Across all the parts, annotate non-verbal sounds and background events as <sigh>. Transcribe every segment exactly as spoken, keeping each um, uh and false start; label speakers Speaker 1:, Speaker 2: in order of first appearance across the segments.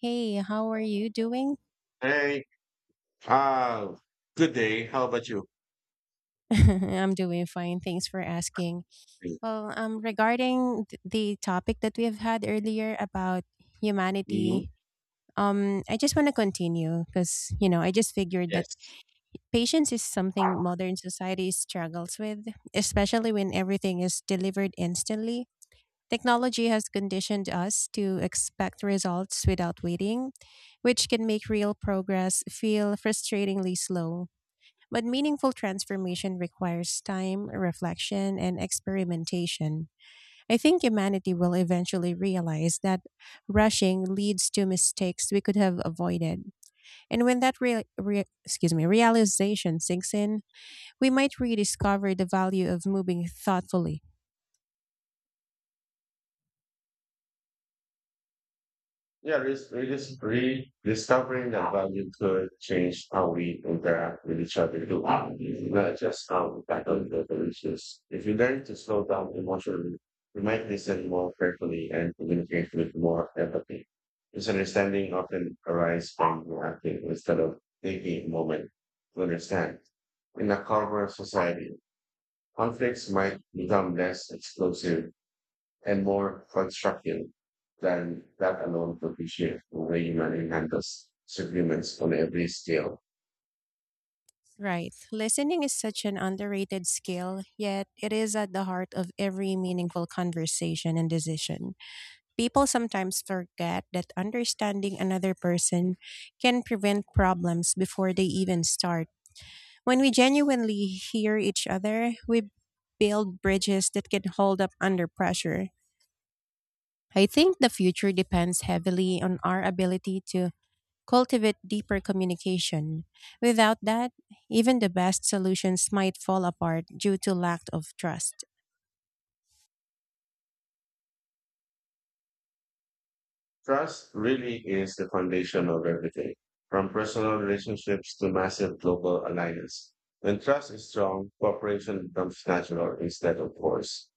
Speaker 1: Hey, how are you doing?
Speaker 2: Hey, uh, good day. How about you?
Speaker 1: <laughs> I'm doing fine. Thanks for asking. Well, um, regarding th- the topic that we have had earlier about
Speaker 2: Mhm.
Speaker 1: humanity, um, I just want to continue because, you know, I just figured that
Speaker 2: Yes.
Speaker 1: patience is something modern society struggles with, especially when everything is delivered instantly. Technology has conditioned us to expect results without waiting, which can make real progress feel frustratingly slow. But meaningful transformation requires time, reflection, and experimentation. I think humanity will eventually realize that rushing leads to mistakes we could have avoided. And when that rea- rea- excuse me, realization sinks in, we might rediscover the value of moving thoughtfully.
Speaker 2: Yeah, this we just rediscovering that value could change how we interact with each other. too. Not just how we tackle the issues. If you learn to slow down emotionally, you might listen more carefully and communicate with more empathy. Misunderstanding often arises from reacting instead of taking a moment to understand. In a calmer society, conflicts might become less explosive and more constructive than that alone could be shaped the way humanity handles disagreements on every scale.
Speaker 1: Right. Listening is such an underrated skill, yet it is at the heart of every meaningful conversation and decision. People sometimes forget that understanding another person can prevent problems before they even start. When we genuinely hear each other, we build bridges that can hold up under pressure. I think the future depends heavily on our ability to cultivate deeper communication. Without that, even the best solutions might fall apart due to lack of trust.
Speaker 2: Trust really is the foundation of everything, from personal relationships to massive global alliances. When trust is strong, cooperation becomes natural instead of forced.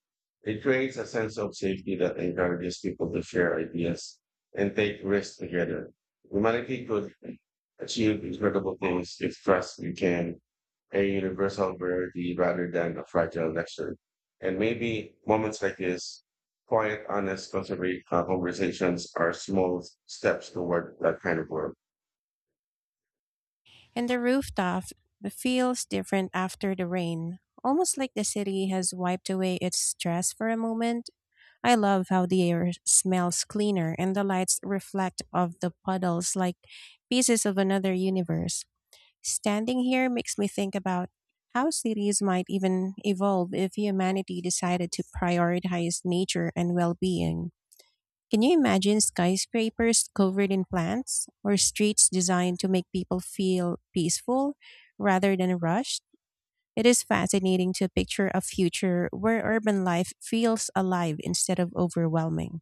Speaker 2: It creates a sense of safety that encourages people to share ideas and take risks together. Humanity could achieve incredible things if trust you can, a universal rarity rather than a fragile luxury. And maybe moments like this, quiet, honest, conservative conversations are small steps toward that kind of world.
Speaker 1: And the rooftop feels different after the rain, almost like the city has wiped away its stress for a moment. I love how the air smells cleaner and the lights reflect off the puddles like pieces of another universe. Standing here makes me think about how cities might even evolve if humanity decided to prioritize nature and well-being. Can you imagine skyscrapers covered in plants or streets designed to make people feel peaceful rather than rushed? It is fascinating to picture a future where urban life feels alive instead of overwhelming.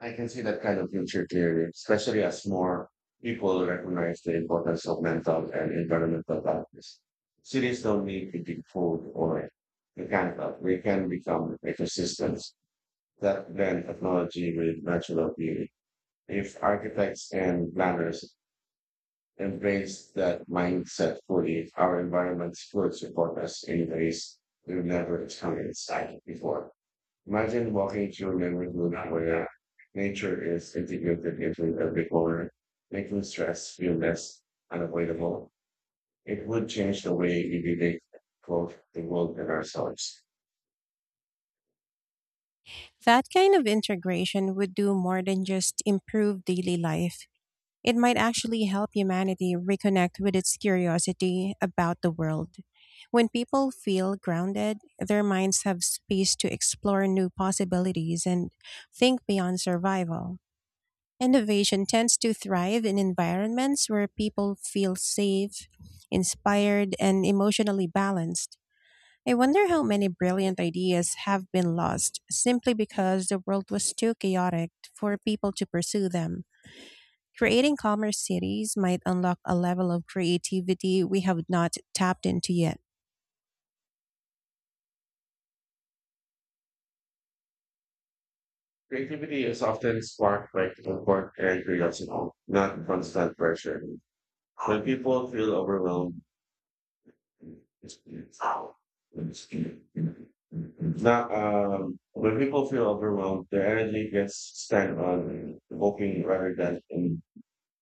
Speaker 2: I can see that kind of future clearly, especially as more people recognize the importance of mental and environmental balance. Cities don't need to be food or mechanical. We can become ecosystems that blend technology with natural beauty. If architects and planners embrace that mindset fully, our environments would support us in ways we've never experienced before. Imagine walking through memory room where nature is integrated into every corner, making stress feel less unavoidable. It would change the way we relate both the world and ourselves.
Speaker 1: That kind of integration would do more than just improve daily life. It might actually help humanity reconnect with its curiosity about the world. When people feel grounded, their minds have space to explore new possibilities and think beyond survival. Innovation tends to thrive in environments where people feel safe, inspired, and emotionally balanced. I wonder how many brilliant ideas have been lost simply because the world was too chaotic for people to pursue them. Creating calmer cities might unlock a level of creativity we have not tapped into yet.
Speaker 2: Creativity is often sparked by comfort and curiosity, not constant pressure. When people feel overwhelmed, Now, um, when people feel overwhelmed, their energy gets spent on coping rather than in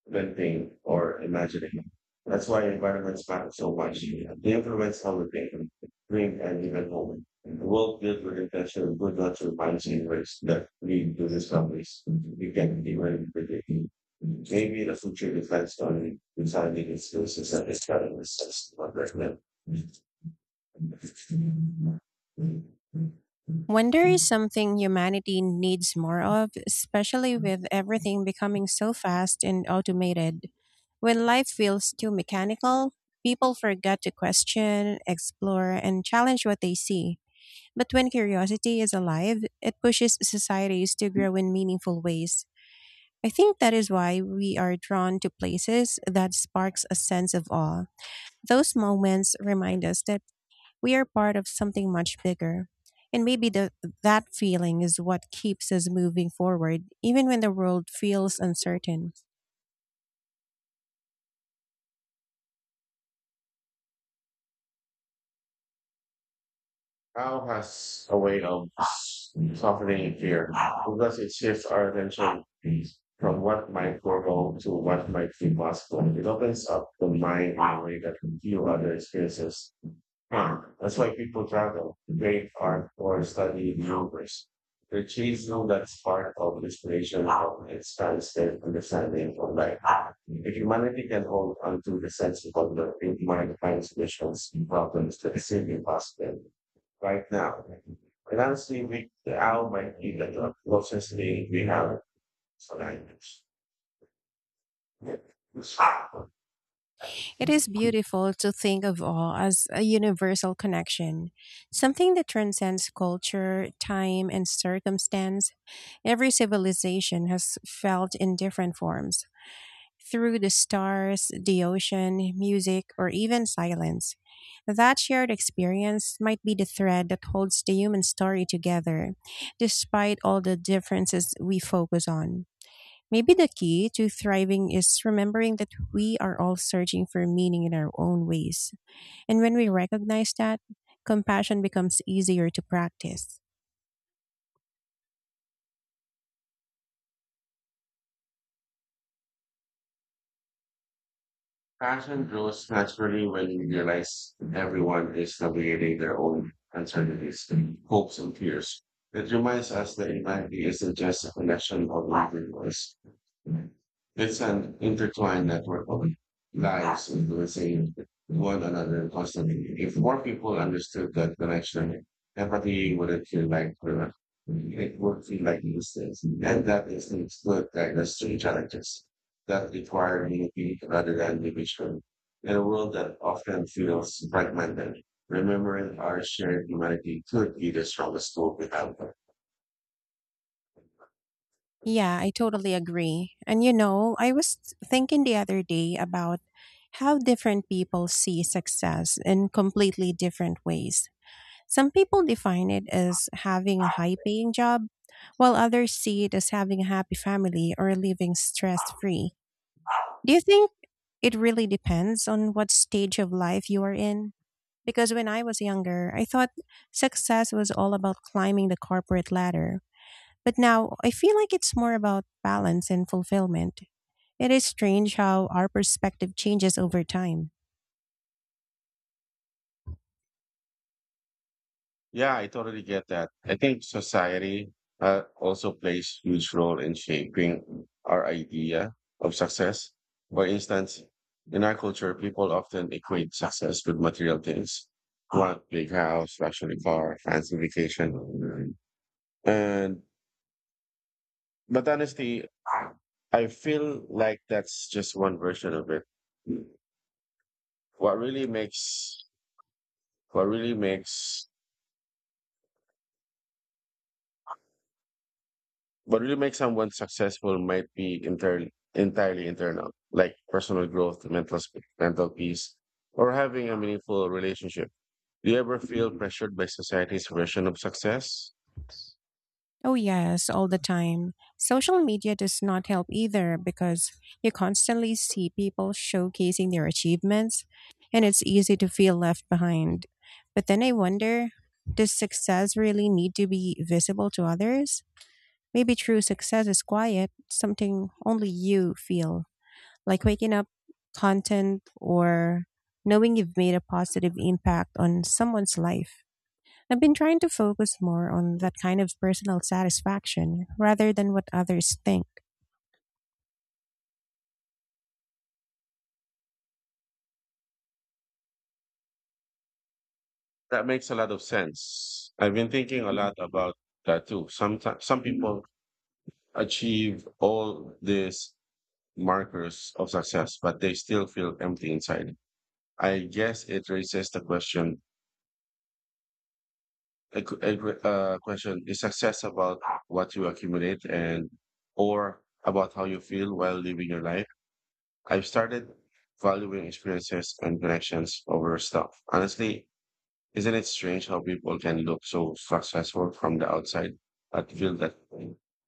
Speaker 2: inventing or imagining. That's why environments matter so much. They influence how we think, dream, and even moment. The world built with intention and good natural reminds you ways that lead to discoveries we can even predict. Maybe the future depends on designing its uses and its challenges as one right now.
Speaker 1: Wonder is something humanity needs more of, especially with everything becoming so fast and automated. When life feels too mechanical, people forget to question, explore, and challenge what they see. But when curiosity is alive, it pushes societies to grow in meaningful ways. I think that is why we are drawn to places that sparks a sense of awe. Those moments remind us that we are part of something much bigger. And maybe the, that feeling is what keeps us moving forward, even when the world feels uncertain.
Speaker 2: How has a way of softening fear, because it shifts our attention from what might go wrong to what might be possible. It opens up the mind in a way that few other experiences. Uh, That's why people travel very far for studying numbers. The cheese know that's part of inspiration of expansive understanding of life. If humanity can hold onto the sense of wonder, it might find solutions to problems that seem impossible right now. And honestly, we, the owl might be the closest thing we have to language.
Speaker 1: It is beautiful to think of awe as a universal connection, something that transcends culture, time, and circumstance. Every civilization has felt in different forms, through the stars, the ocean, music, or even silence. That shared experience might be the thread that holds the human story together, despite all the differences we focus on. Maybe the key to thriving is remembering that we are all searching for meaning in our own ways. And when we recognize that, compassion becomes easier to practice.
Speaker 2: Passion grows naturally when you realize everyone is navigating their own uncertainties, hopes, and fears. It reminds us that humanity isn't just a collection of individuals. It's an intertwined network of lives influencing one another constantly. If more people understood that connection, empathy wouldn't feel like work. It would feel like distance. And that is the good guide us through challenges that require unity rather than division. In a world that often feels fragmented, remembering our shared humanity could be the strongest tool we have.
Speaker 1: Yeah, I totally agree. And you know, I was thinking the other day about how different people see success in completely different ways. Some people define it as having a high paying job, while others see it as having a happy family or living stress free. Do you think it really depends on what stage of life you are in? Because when I was younger, I thought success was all about climbing the corporate ladder, but now I feel like it's more about balance and fulfillment. It is strange how our perspective changes over time.
Speaker 2: Yeah, I totally get that. I think society uh, also plays huge role in shaping our idea of success. For instance, in our culture, people often equate success with material things. Want big house, luxury car, fancy vacation. And But honestly, I feel like that's just one version of it. What really makes what really makes what really makes someone successful might be inter- entirely internal, like personal growth, mental sp- mental peace, or having a meaningful relationship. Do you ever feel pressured by society's version of success?
Speaker 1: Oh, yes, all the time. Social media does not help either because you constantly see people showcasing their achievements and it's easy to feel left behind. But then I wonder, does success really need to be visible to others? Maybe true success is quiet, something only you feel, like waking up content or knowing you've made a positive impact on someone's life. I've been trying to focus more on that kind of personal satisfaction rather than what others think.
Speaker 2: That makes a lot of sense. I've been thinking a lot about that too. Sometimes some people achieve all this markers of success, but they still feel empty inside. I guess it raises the question, a, qu- a qu- uh, question, is success about what you accumulate and or about how you feel while living your life? I've started valuing experiences and connections over stuff. Honestly, isn't it strange how people can look so successful from the outside but feel that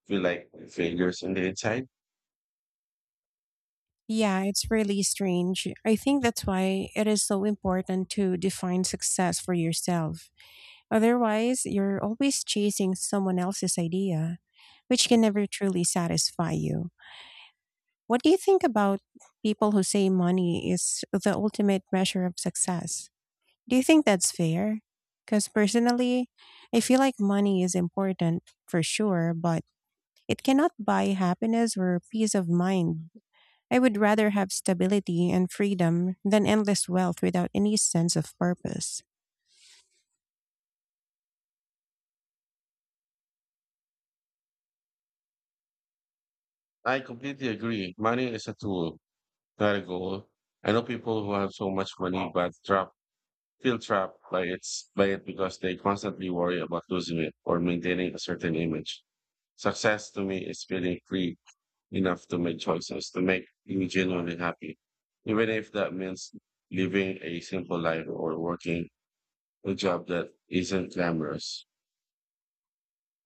Speaker 2: feel like failures in the inside?
Speaker 1: Yeah, it's really strange. I think that's why it is so important to define success for yourself. Otherwise, you're always chasing someone else's idea, which can never truly satisfy you. What do you think about people who say money is the ultimate measure of success? Do you think that's fair? Because personally, I feel like money is important for sure, but it cannot buy happiness or peace of mind. I would rather have stability and freedom than endless wealth without any sense of purpose.
Speaker 2: I completely agree. Money is a tool, not a goal. I know people who have so much money but trap feel trapped by its by it because they constantly worry about losing it or maintaining a certain image. Success to me is feeling free enough to make choices to make you genuinely happy. Even if that means living a simple life or working a job that isn't glamorous.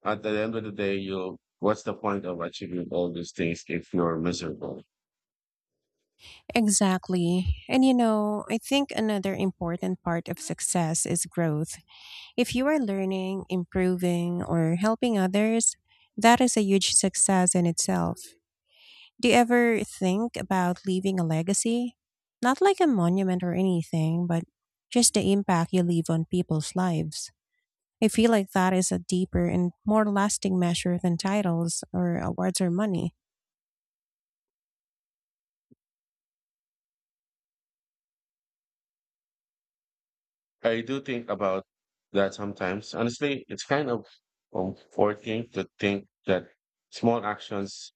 Speaker 2: At the end of the day, you what's the point of achieving all these things if you're miserable?
Speaker 1: Exactly. And you know, I think another important part of success is growth. If you are learning, improving, or helping others, that is a huge success in itself. Do you ever think about leaving a legacy? Not like a monument or anything, but just the impact you leave on people's lives. I feel like that is a deeper and more lasting measure than titles or awards or money.
Speaker 2: I do think about that sometimes. Honestly, it's kind of comforting to think that small actions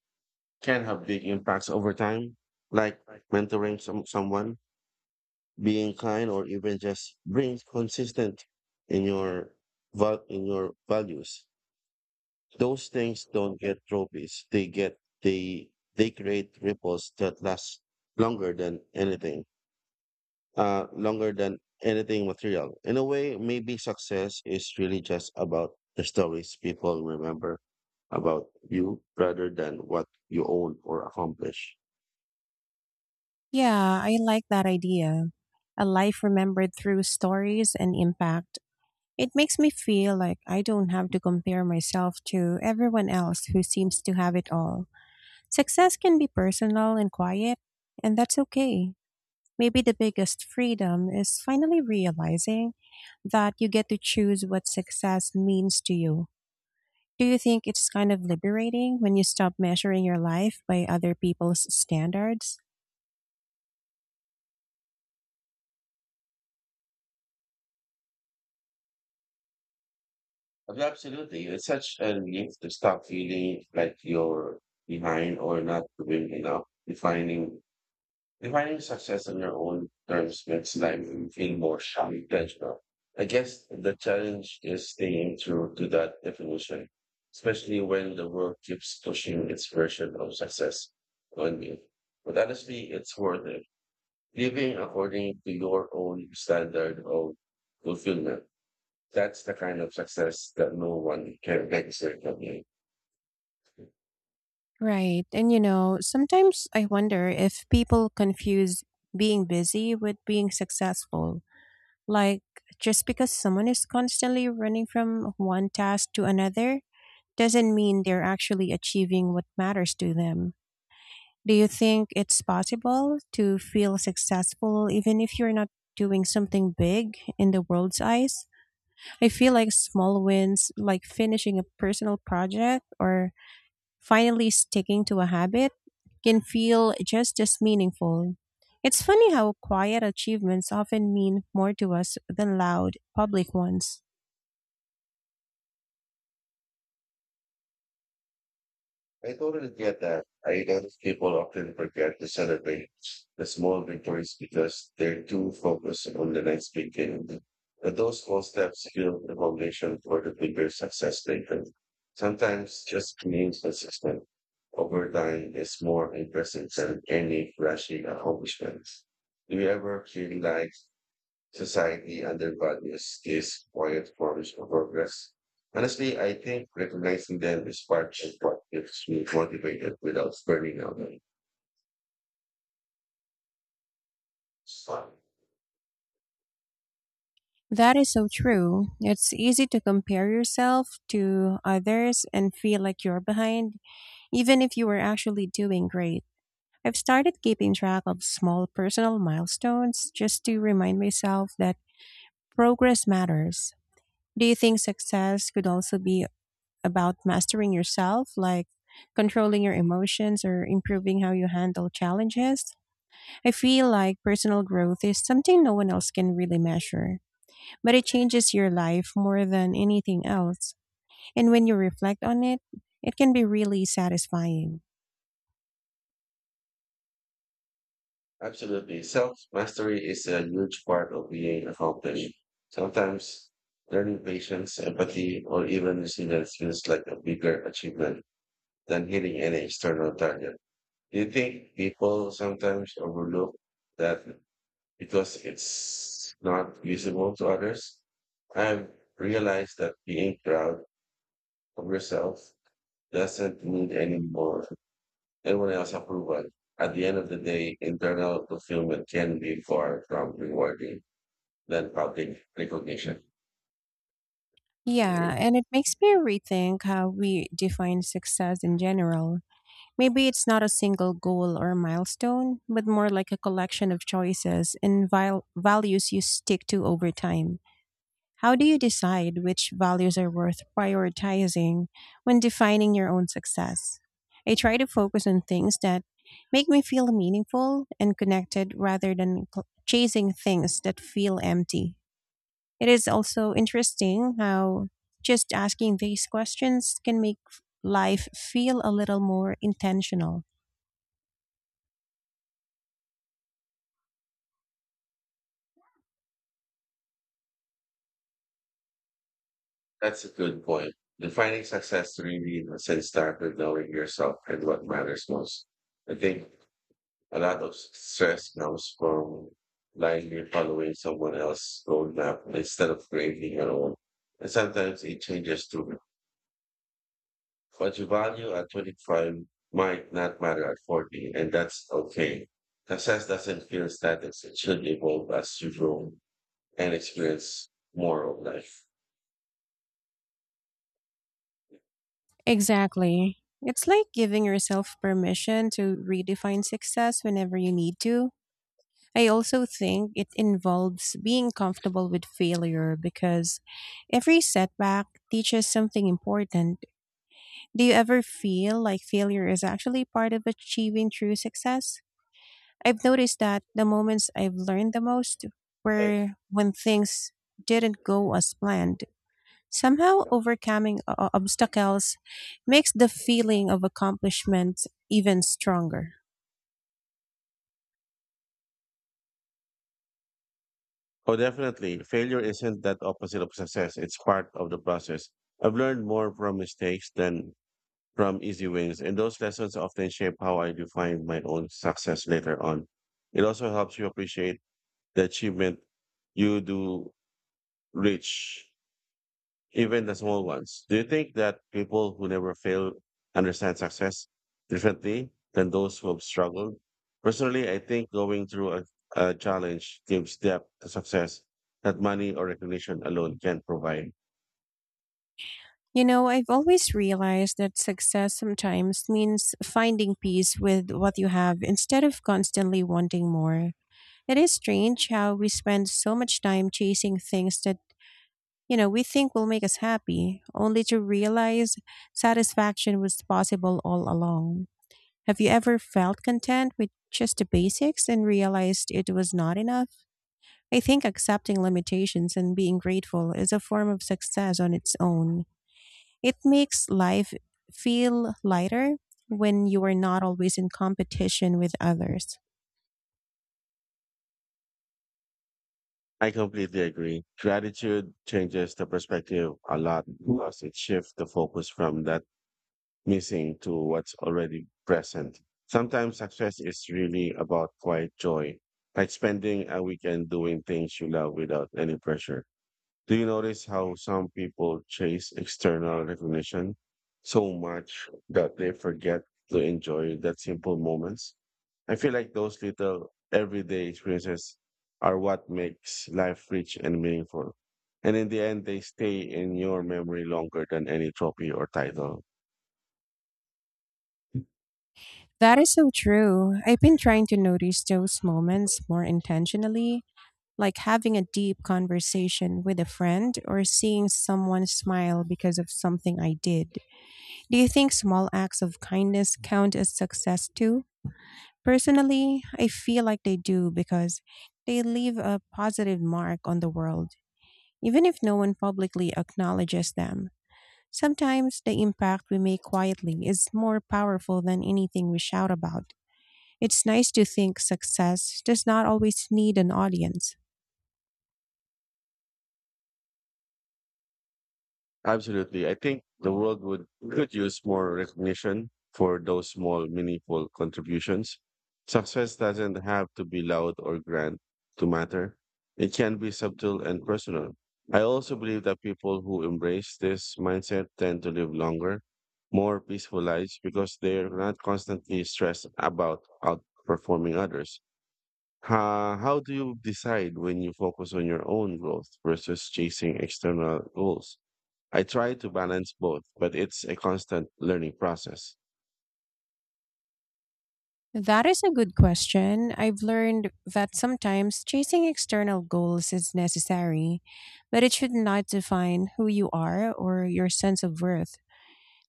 Speaker 2: can have big impacts over time, like mentoring some, someone, being kind, or even just being consistent in your val- in your values. Those things don't get trophies. They get they they create ripples that last longer than anything uh, longer than anything material. In a way, maybe success is really just about the stories people remember about you rather than what you own or accomplish.
Speaker 1: Yeah, I like that idea. A life remembered through stories and impact. It makes me feel like I don't have to compare myself to everyone else who seems to have it all. Success can be personal and quiet, and that's okay. Maybe the biggest freedom is finally realizing that you get to choose what success means to you. Do you think it's kind of liberating when you stop measuring your life by other people's standards?
Speaker 2: Absolutely. It's such a relief to stop feeling like you're behind or not doing enough. Defining Defining success on your own terms makes life feel more sharp and intentional. I guess the challenge is staying true to that definition, especially when the world keeps pushing its version of success on you. But honestly, it's worth it. Living according to your own standard of fulfillment. That's the kind of success that no one can take away from you.
Speaker 1: Right. And you know, sometimes I wonder if people confuse being busy with being successful. Like, just because someone is constantly running from one task to another doesn't mean they're actually achieving what matters to them. Do you think it's possible to feel successful even if you're not doing something big in the world's eyes? I feel like small wins, like finishing a personal project or finally sticking to a habit, can feel just as meaningful. It's funny how quiet achievements often mean more to us than loud public ones.
Speaker 2: I totally get that. I guess people often forget to celebrate the small victories because they're too focused on the next big thing. But those small steps build the foundation for the bigger success later. Sometimes just being consistent over time is more impressive than any flashy accomplishments. Do you ever feel like society undervalues these quiet forms of progress. Honestly, I think recognizing them is part of what keeps me motivated without burning out.
Speaker 1: That is so true. It's easy to compare yourself to others and feel like you're behind, even if you were actually doing great. I've started keeping track of small personal milestones just to remind myself that progress matters. Do you think success could also be about mastering yourself, like controlling your emotions or improving how you handle challenges? I feel like personal growth is something no one else can really measure, but it changes your life more than anything else. And when you reflect on it, it can be really satisfying.
Speaker 2: Absolutely. Self mastery is a huge part of being accomplished. Sometimes learning patience, empathy, or even resilience feels like a bigger achievement than hitting any external target. Do you think people sometimes overlook that because it's not visible to others. I've realized that being proud of yourself doesn't need any more anyone else approval. At the end of the day, internal fulfillment can be far from rewarding than public recognition.
Speaker 1: Yeah, and it makes me rethink how we define success in general. Maybe it's not a single goal or milestone, but more like a collection of choices and val- values you stick to over time. How do you decide which values are worth prioritizing when defining your own success? I try to focus on things that make me feel meaningful and connected rather than cl- chasing things that feel empty. It is also interesting how just asking these questions can make f- life feel a little more intentional.
Speaker 2: That's a good point. Defining success really must start with knowing yourself and what matters most. I think a lot of stress comes from blindly following someone else's roadmap instead of creating your own. And sometimes it changes too. What you value at twenty-five might not matter at forty, and that's okay. Success doesn't feel static. It should evolve as you grow and experience more of life.
Speaker 1: Exactly. It's like giving yourself permission to redefine success whenever you need to. I also think it involves being comfortable with failure because every setback teaches something important. Do you ever feel like failure is actually part of achieving true success? I've noticed that the moments I've learned the most
Speaker 2: Right.
Speaker 1: were when things didn't go as planned. Somehow, overcoming o- obstacles makes the feeling of accomplishment even stronger.
Speaker 2: Oh, definitely. Failure isn't that opposite of success. It's part of the process. I've learned more from mistakes than from easy wins, and those lessons often shape how I define my own success later on. It also helps you appreciate the achievement you do reach, even the small ones. Do you think that people who never fail understand success differently than those who have struggled? Personally, I think going through a, a challenge gives depth to success that money or recognition alone can provide.
Speaker 1: You know, I've always realized that success sometimes means finding peace with what you have instead of constantly wanting more. It is strange how we spend so much time chasing things that, you know, we think will make us happy, only to realize satisfaction was possible all along. Have you ever felt content with just the basics and realized it was not enough? I think accepting limitations and being grateful is a form of success on its own. It makes life feel lighter when you are not always in competition with others.
Speaker 2: I completely agree. Gratitude changes the perspective a lot because it shifts the focus from that missing to what's already present. Sometimes success is really about quiet joy, like spending a weekend doing things you love without any pressure. Do you notice how some people chase external recognition so much that they forget to enjoy that simple moments? I feel like those little everyday experiences are what makes life rich and meaningful. And in the end, they stay in your memory longer than any trophy or title.
Speaker 1: That is so true. I've been trying to notice those moments more intentionally, like having a deep conversation with a friend or seeing someone smile because of something I did. Do you think small acts of kindness count as success too? Personally, I feel like they do because they leave a positive mark on the world, even if no one publicly acknowledges them. Sometimes the impact we make quietly is more powerful than anything we shout about. It's nice to think success does not always need an audience.
Speaker 2: Absolutely. I think the world would could use more recognition for those small, meaningful contributions. Success doesn't have to be loud or grand to matter. It can be subtle and personal. I also believe that people who embrace this mindset tend to live longer, more peaceful lives because they're not constantly stressed about outperforming others. How, how do you decide when you focus on your own growth versus chasing external goals? I try to balance both, but it's a constant learning process.
Speaker 1: That is a good question. I've learned that sometimes chasing external goals is necessary, but it should not define who you are or your sense of worth.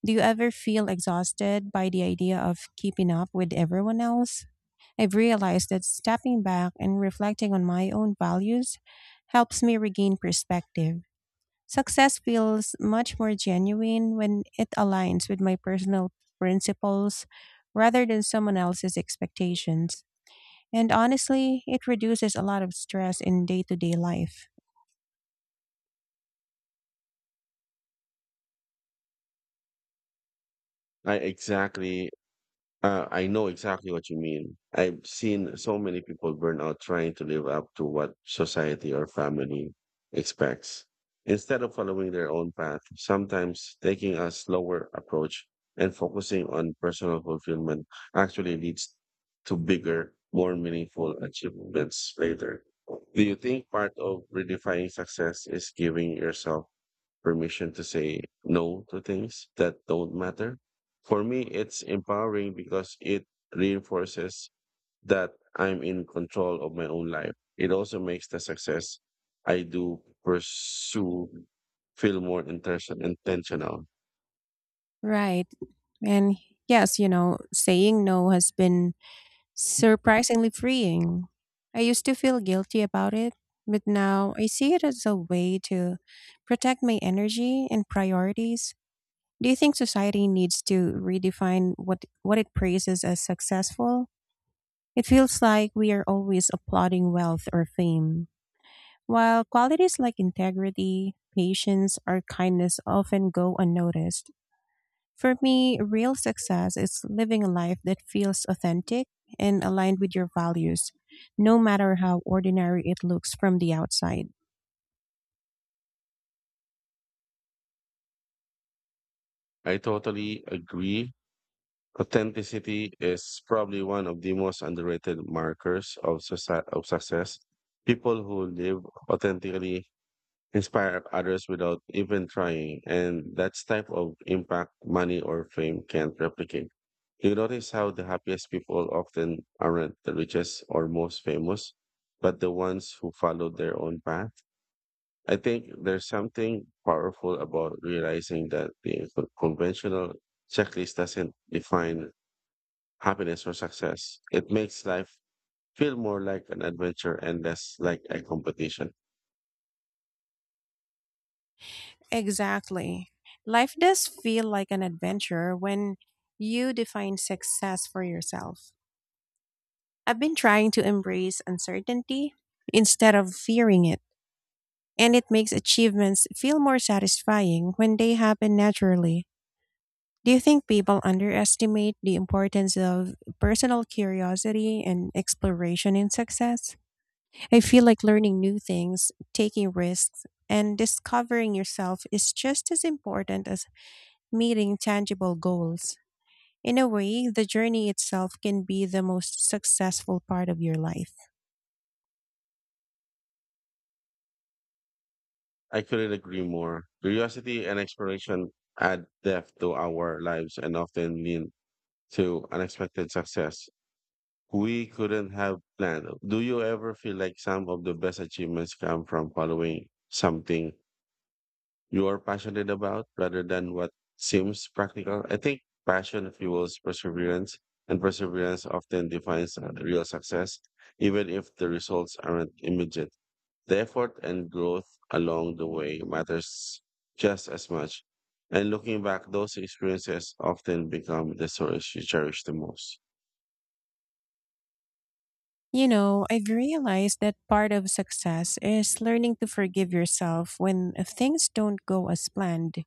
Speaker 1: Do you ever feel exhausted by the idea of keeping up with everyone else? I've realized that stepping back and reflecting on my own values helps me regain perspective. Success feels much more genuine when it aligns with my personal principles rather than someone else's expectations. And honestly, it reduces a lot of stress in day to day life.
Speaker 2: I exactly Uh, I know exactly what you mean. I've seen so many people burn out trying to live up to what society or family expects. Instead of following their own path, sometimes taking a slower approach and focusing on personal fulfillment actually leads to bigger, more meaningful achievements later. Do you think part of redefining success is giving yourself permission to say no to things that don't matter? For me, it's empowering because it reinforces that I'm in control of my own life. It also makes the success I do pursue feel more intention- intentional.
Speaker 1: Right. And yes, you know, saying no has been surprisingly freeing. I used to feel guilty about it, but now I see it as a way to protect my energy and priorities. Do you think society needs to redefine what, what it praises as successful? It feels like we are always applauding wealth or fame, while qualities like integrity, patience, or kindness often go unnoticed. For me, real success is living a life that feels authentic and aligned with your values, no matter how ordinary it looks from the outside.
Speaker 2: I totally agree. Authenticity is probably one of the most underrated markers of, soci- of success. People who live authentically inspire others without even trying. And that's type of impact money or fame can't replicate. Do you notice how the happiest people often aren't the richest or most famous, but the ones who follow their own path? I think there's something powerful about realizing that the con- conventional checklist doesn't define happiness or success. It makes life feel more like an adventure and less like a competition.
Speaker 1: Exactly. Life does feel like an adventure when you define success for yourself. I've been trying to embrace uncertainty instead of fearing it, and it makes achievements feel more satisfying when they happen naturally. Do you think people underestimate the importance of personal curiosity and exploration in success? I feel like learning new things, taking risks, and discovering yourself is just as important as meeting tangible goals. In a way, the journey itself can be the most successful part of your life.
Speaker 2: I couldn't agree more. Curiosity and exploration add depth to our lives and often lead to unexpected success. We couldn't have planned. Do you ever feel like some of the best achievements come from following something you're passionate about rather than what seems practical? I think passion fuels perseverance, and perseverance often defines uh, real success, even if the results aren't immediate. The effort and growth along the way matters just as much. And looking back, those experiences often become the stories you cherish the most.
Speaker 1: You know, I've realized that part of success is learning to forgive yourself when things don't go as planned.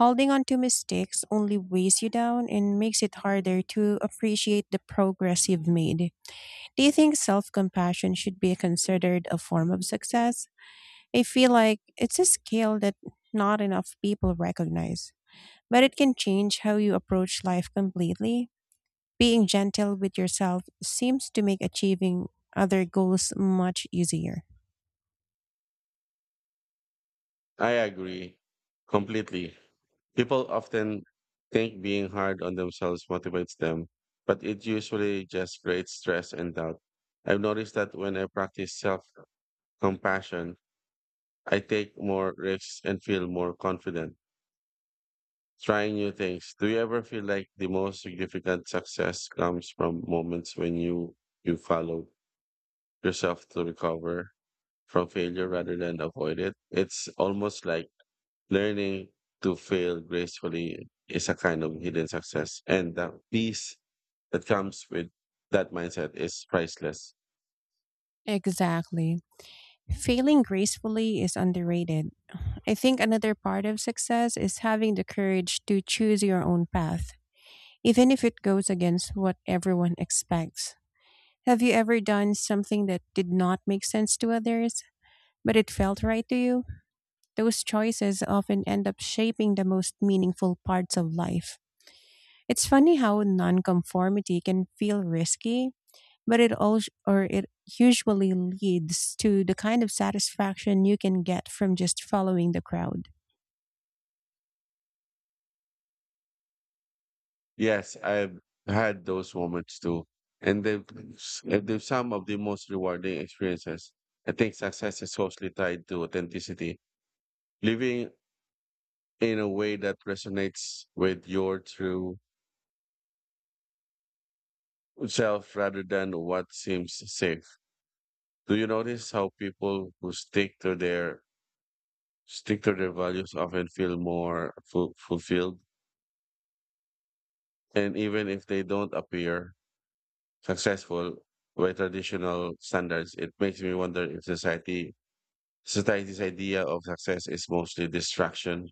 Speaker 1: Holding on to mistakes only weighs you down and makes it harder to appreciate the progress you've made. Do you think self compassion should be considered a form of success? I feel like it's a skill that not enough people recognize, but it can change how you approach life completely. Being gentle with yourself seems to make achieving other goals much easier.
Speaker 2: I agree completely. People often think being hard on themselves motivates them, but it usually just creates stress and doubt. I've noticed that when I practice self compassion, I take more risks and feel more confident. Trying new things. Do you ever feel like the most significant success comes from moments when you you follow yourself to recover from failure rather than avoid it? It's almost like learning to fail gracefully is a kind of hidden success, and the peace that comes with that mindset is priceless.
Speaker 1: Exactly. Failing gracefully is underrated. I think another part of success is having the courage to choose your own path, even if it goes against what everyone expects. Have you ever done something that did not make sense to others, but it felt right to you? Those choices often end up shaping the most meaningful parts of life. It's funny how nonconformity can feel risky, but it all or it usually leads to the kind of satisfaction you can get from just following the crowd.
Speaker 2: Yes, I've had those moments too, and they've, they're some of the most rewarding experiences. I think success is closely tied to authenticity living in a way that resonates with your true self rather than what seems safe. Do you notice how people who stick to their stick to their values often feel more ful- fulfilled and even if they don't appear successful by traditional standards it makes me wonder if society society's idea of success is mostly distraction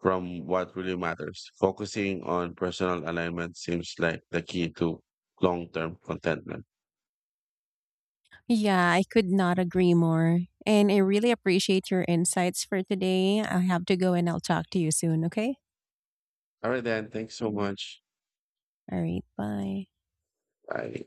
Speaker 2: from what really matters. Focusing on personal alignment seems like the key to long term contentment.
Speaker 1: Yeah, I could not agree more. And I really appreciate your insights for today. I have to go and I'll talk to you soon, okay?
Speaker 2: All right, then. Thanks so much.
Speaker 1: All right, bye.
Speaker 2: Bye.